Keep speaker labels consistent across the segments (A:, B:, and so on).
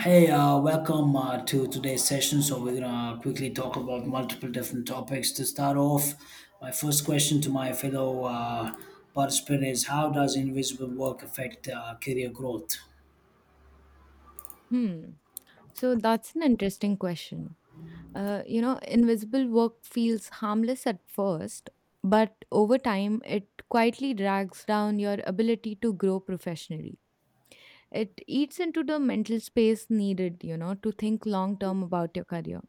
A: Hey, welcome to today's session. So, we're gonna quickly talk about multiple different topics. To start off, my first question to my fellow participant is, how does invisible work affect career growth?
B: Hmm. So that's an interesting question. Invisible work feels harmless at first, but over time, it quietly drags down your ability to grow professionally. It eats into the mental space needed, you know, to think long term about your career.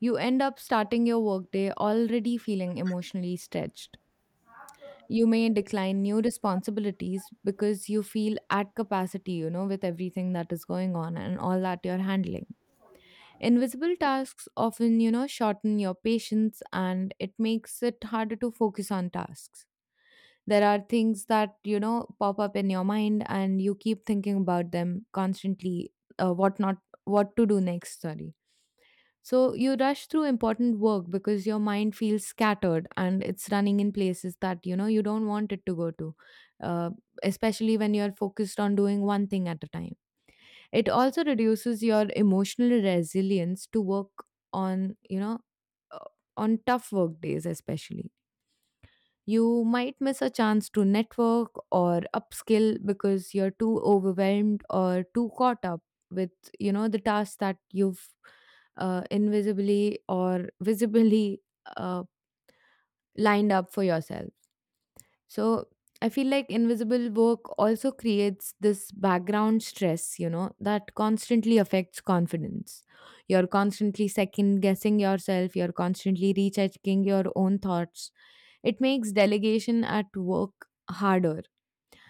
B: You end up starting your workday already feeling emotionally stretched. You may decline new responsibilities because you feel at capacity, you know, with everything that is going on and all that you're handling. Invisible tasks often, you know, shorten your patience and it makes it harder to focus on tasks. There are things that, you know, pop up in your mind and you keep thinking about them constantly, what not what to do next, sorry. So you rush through important work because your mind feels scattered and it's running in places that, you know, you don't want it to go to, uh, especially when you're focused on doing one thing at a time. It also reduces your emotional resilience to work on, you know, uh, on tough work days, especially. You might miss a chance to network or upskill because you're too overwhelmed or too caught up with, you know, the tasks that you've invisibly or visibly uh, lined up for yourself. So I feel like invisible work also creates this background stress, you know, that constantly affects confidence. You're constantly second guessing yourself, you're constantly rechecking your own thoughts. It makes delegation at work harder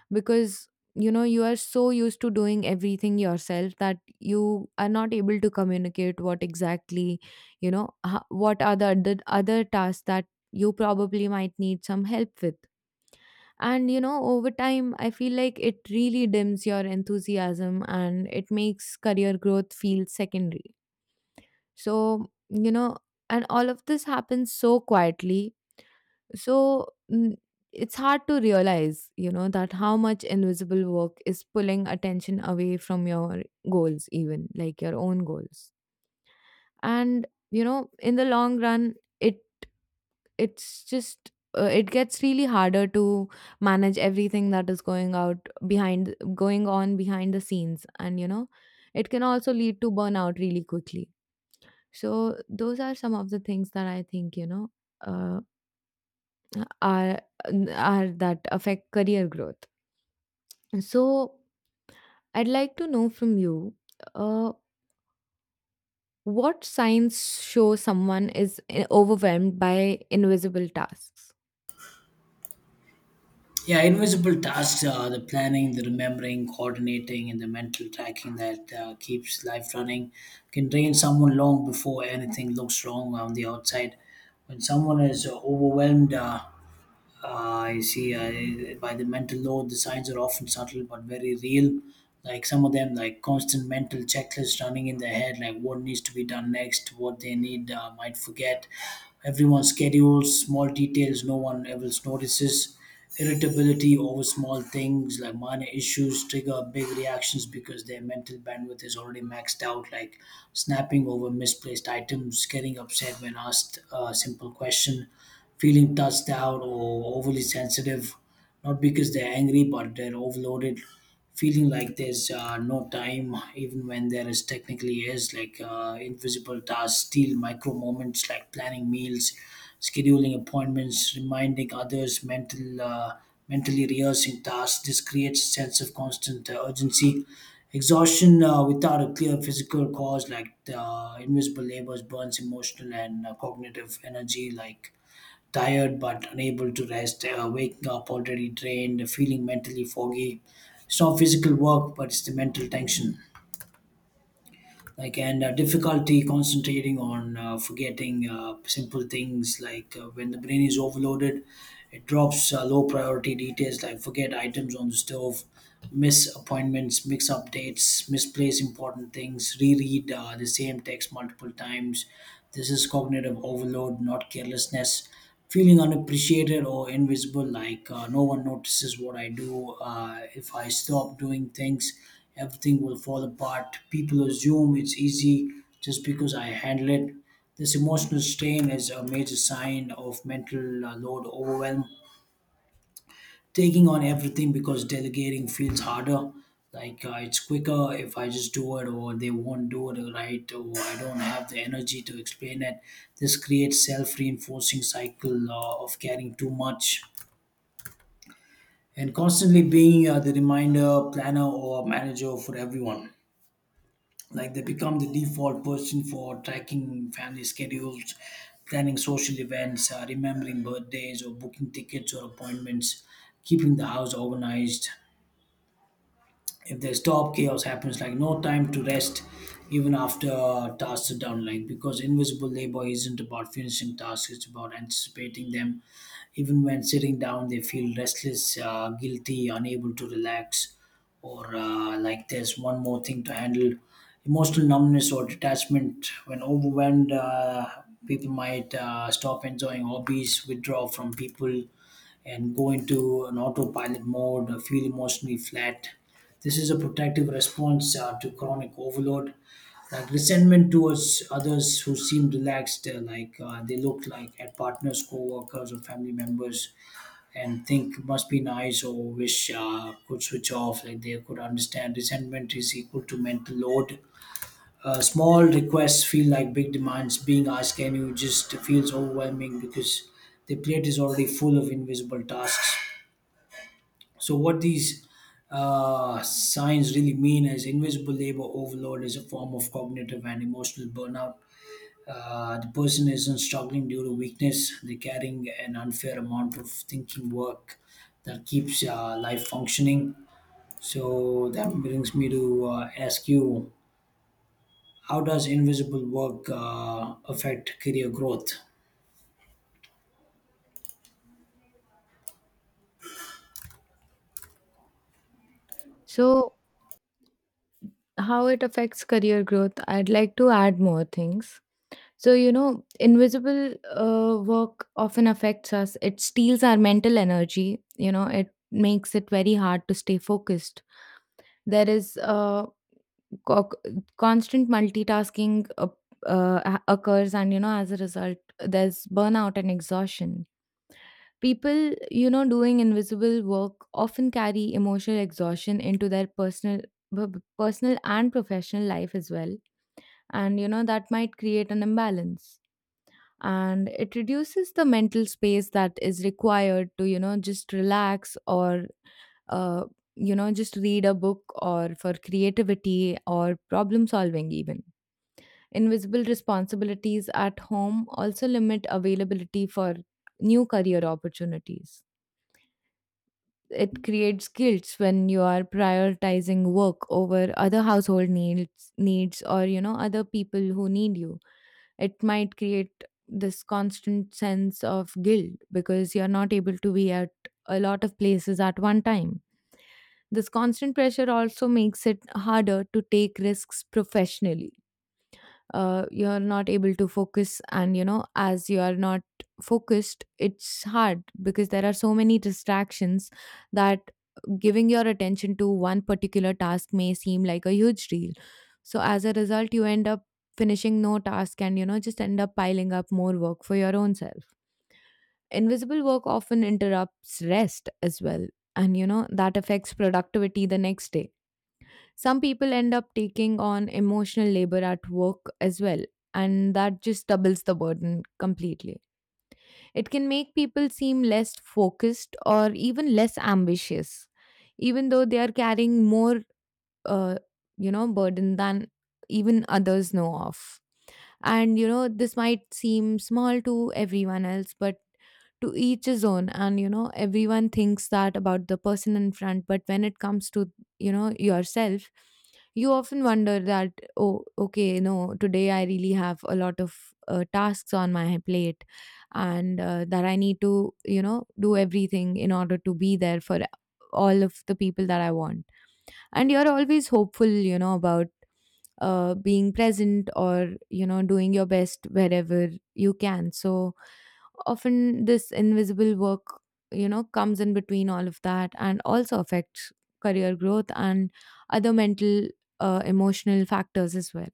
B: because you know you are so used to doing everything yourself that you are not able to communicate what exactly you know what are the other tasks that you probably might need some help with. And you know, over time, I feel like it really dims your enthusiasm and it makes career growth feel secondary. So, you know, and all of this happens so quietly. So, it's hard to realize, you know, that how much invisible work is pulling attention away from your goals, even like your own goals. And, you know, in the long run, it's just it gets really harder to manage everything that is going on behind the scenes. And you know, it can also lead to burnout really quickly. So those are some of the things that I think, you know, uh, are are that affect career growth. So I'd like to know from you, uh, what signs show someone is overwhelmed by invisible tasks.
A: Yeah, invisible tasks are the planning, the remembering, coordinating, and the mental tracking that keeps life running, can drain someone long before anything looks wrong on the outside. When someone is overwhelmed, I see. I, by the mental load, the signs are often subtle but very real. Like some of them, like constant mental checklists running in their head, like what needs to be done next, what they need might forget. Everyone schedules small details no one else notices. Irritability over small things, like minor issues trigger big reactions because their mental bandwidth is already maxed out, like snapping over misplaced items, getting upset when asked a simple question, feeling touched out or overly sensitive, not because they're angry, but they're overloaded. Feeling like there's no time, even when there is technically is, like invisible tasks steal micro moments like planning meals, scheduling appointments, reminding others, mentally rehearsing tasks. This creates a sense of constant urgency. Exhaustion without a clear physical cause, like invisible labors burns emotional and cognitive energy, like tired but unable to rest, waking up already drained, feeling mentally foggy. It's not physical work, but it's the mental tension. Like and difficulty concentrating on forgetting simple things. Like when the brain is overloaded, it drops low priority details, like forget items on the stove, miss appointments, mix up dates, misplace important things, reread the same text multiple times. This is cognitive overload, not carelessness. Feeling unappreciated or invisible, like no one notices what I do. If I stop doing things, everything will fall apart. People assume it's easy just because I handle it. This emotional strain is a major sign of mental load overwhelm. Taking on everything because delegating feels harder. Like it's quicker if I just do it, or they won't do it right, or I don't have the energy to explain it. This creates self-reinforcing cycle of caring too much, and constantly being the reminder, planner, or manager for everyone. Like they become the default person for tracking family schedules, planning social events, remembering birthdays, or booking tickets or appointments, keeping the house organized. If there's stop, chaos happens, like no time to rest even after tasks are done, like because invisible labor isn't about finishing tasks, it's about anticipating them. Even when sitting down, they feel restless, guilty, unable to relax, or like there's one more thing to handle. Emotional numbness or detachment when overwhelmed, people might stop enjoying hobbies, withdraw from people, and go into an autopilot mode, feel emotionally flat. This is a protective response to chronic overload. Like resentment towards others who seem relaxed, like they look like at partners, co-workers, or family members, and think, must be nice, or wish could switch off, like they could understand. Resentment is equal to mental load. Small requests feel like big demands. Being asked, can you just, feels overwhelming because the plate is already full of invisible tasks. So, what these signs really mean is invisible labor overload is a form of cognitive and emotional burnout. The person isn't struggling due to weakness, they're carrying an unfair amount of thinking work that keeps life functioning. So, that brings me to ask you, how does invisible work affect career growth?
B: So how it affects career growth, I'd like to add more things. So, you know, invisible work often affects us. It steals our mental energy, you know, it makes it very hard to stay focused. There is co- constant multitasking uh, occurs, and, you know, as a result, there's burnout and exhaustion. People, you know, doing invisible work often carry emotional exhaustion into their personal, personal and professional life as well. And you know that might create an imbalance and it reduces the mental space that is required to you know just relax or uh, you know just read a book or for creativity or problem solving even. Invisible responsibilities at home also limit availability for new career opportunities. It creates guilt when you are prioritizing work over other household needs or you know other people who need you. It might create this constant sense of guilt because you're not able to be at a lot of places at one time. This constant pressure also makes it harder to take risks professionally. You're not able to focus, and you know as you are not focused it's hard because there are so many distractions that giving your attention to one particular task may seem like a huge deal. So as a result you end up finishing no task and you know just end up piling up more work for your own self. Invisible work often interrupts rest as well, and you know that affects productivity the next day. Some people end up taking on emotional labor at work as well, and that just doubles the burden completely. It can make people seem less focused or even less ambitious, even though they are carrying more, uh, you know, burden than even others know of. And you know, this might seem small to everyone else, but to each his own. And you know, everyone thinks that about the person in front, but when it comes to, you know, yourself, you often wonder that, oh, okay, no, today I really have a lot of tasks on my plate and that I need to, you know, do everything in order to be there for all of the people that I want. And you're always hopeful, you know, about being present or you know doing your best wherever you can. So often this invisible work you know comes in between all of that and also affects career growth and other mental emotional factors as well.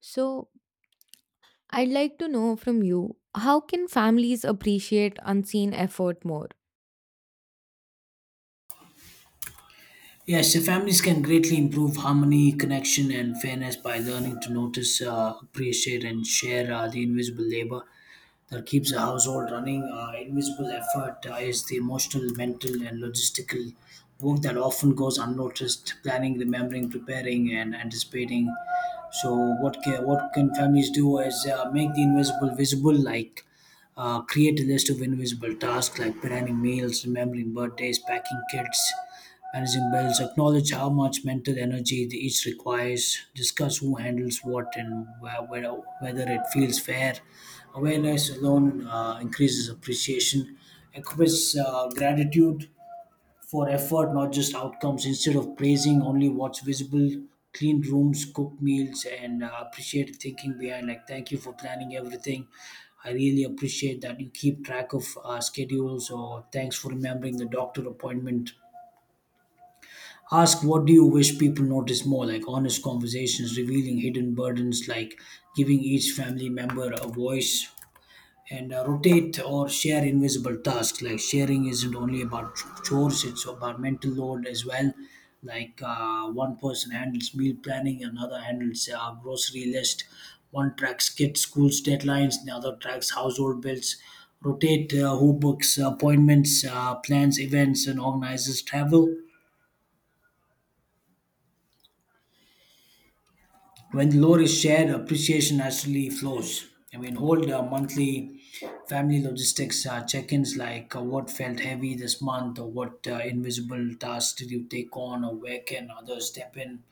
B: So I'd like to know from you, how can families appreciate unseen effort more?
A: Yes, the families can greatly improve harmony, connection, and fairness by learning to notice, appreciate, and share the invisible labor that keeps a household running. Invisible effort is the emotional, mental, and logistical work that often goes unnoticed. Planning, remembering, preparing, and anticipating. So, what can families do is make the invisible visible, like create a list of invisible tasks, like planning meals, remembering birthdays, packing kids, managing bills. Acknowledge how much mental energy each requires, discuss who handles what and whether it feels fair. Awareness alone increases appreciation, equips gratitude for effort, not just outcomes. Instead of praising only what's visible, clean rooms, cook meals, and appreciate thinking behind, like, thank you for planning everything. I really appreciate that you keep track of schedules, or thanks for remembering the doctor appointment. Ask, what do you wish people notice more, like honest conversations revealing hidden burdens, like giving each family member a voice, and rotate or share invisible tasks. Like sharing isn't only about chores, it's about mental load as well. Like one person handles meal planning, another handles grocery list, one tracks kids' school's deadlines, the other tracks household bills. Rotate who books appointments, plans events, and organizes travel. When the load is shared, appreciation naturally flows. I mean, hold monthly family logistics check ins, like what felt heavy this month, or what invisible tasks did you take on, or where can others step in.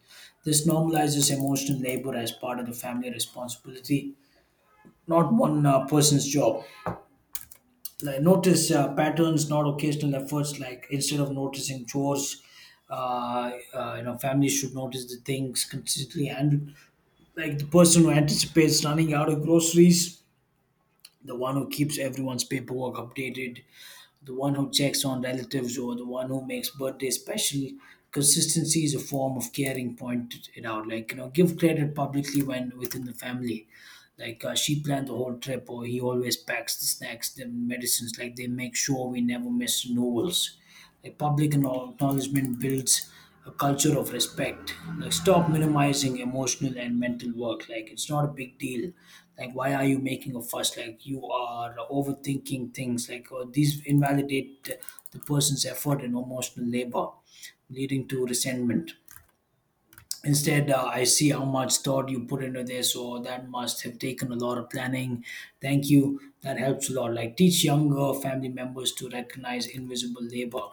A: This normalizes emotional labor as part of the family responsibility, not one person's job. Like notice patterns, not occasional efforts. Like instead of noticing chores, you know, families should notice the things consistently handled, like the person who anticipates running out of groceries, the one who keeps everyone's paperwork updated, the one who checks on relatives, or the one who makes birthday special. Consistency is a form of caring. Point it out, like, you know, give credit publicly when within the family. Like she planned the whole trip, or he always packs the snacks, the medicines. Like they make sure we never miss renewals. A public acknowledgement builds a culture of respect. Like stop minimizing emotional and mental work. Like it's not a big deal. Like why are you making a fuss? Like you are overthinking things. Like oh, these invalidate the person's effort and emotional labor, leading to resentment. Instead, I see how much thought you put into this, so that must have taken a lot of planning. Thank you, that helps a lot. Like teach younger family members to recognize invisible labor,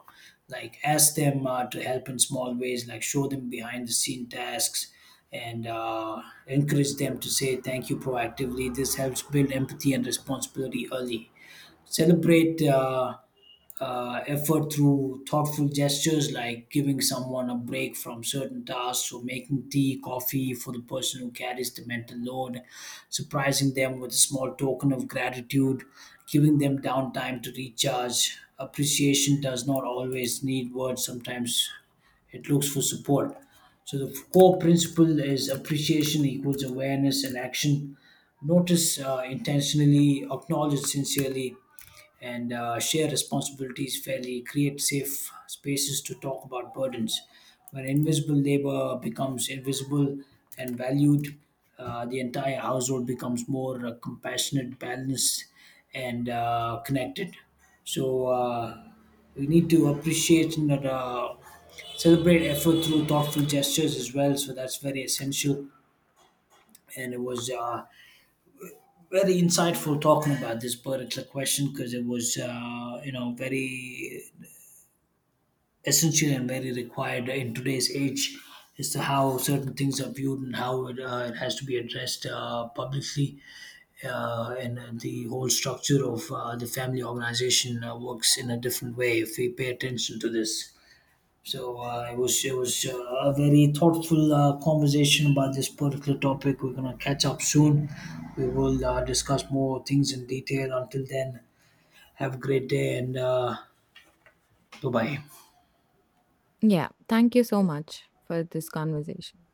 A: like ask them to help in small ways, like show them behind the scene tasks, and encourage them to say thank you proactively. This helps build empathy and responsibility early. Celebrate effort through thoughtful gestures, like giving someone a break from certain tasks, or making tea, coffee for the person who carries the mental load, surprising them with a small token of gratitude, giving them downtime to recharge. Appreciation does not always need words, sometimes it looks for support. So the core principle is appreciation equals awareness and action. Notice intentionally, acknowledge sincerely, and share responsibilities fairly, create safe spaces to talk about burdens. When invisible labor becomes invisible and valued, the entire household becomes more compassionate, balanced, and connected. So we need to appreciate and celebrate effort through thoughtful gestures as well. So that's very essential. And it was very insightful talking about this particular question, because it was you know, very essential and very required in today's age as to how certain things are viewed and how it has to be addressed publicly, and the whole structure of the family organization works in a different way if we pay attention to this. So it was a very thoughtful conversation about this particular topic. We're gonna catch up soon. We will discuss more things in detail. Until then, have a great day and bye bye.
B: Yeah, thank you so much for this conversation.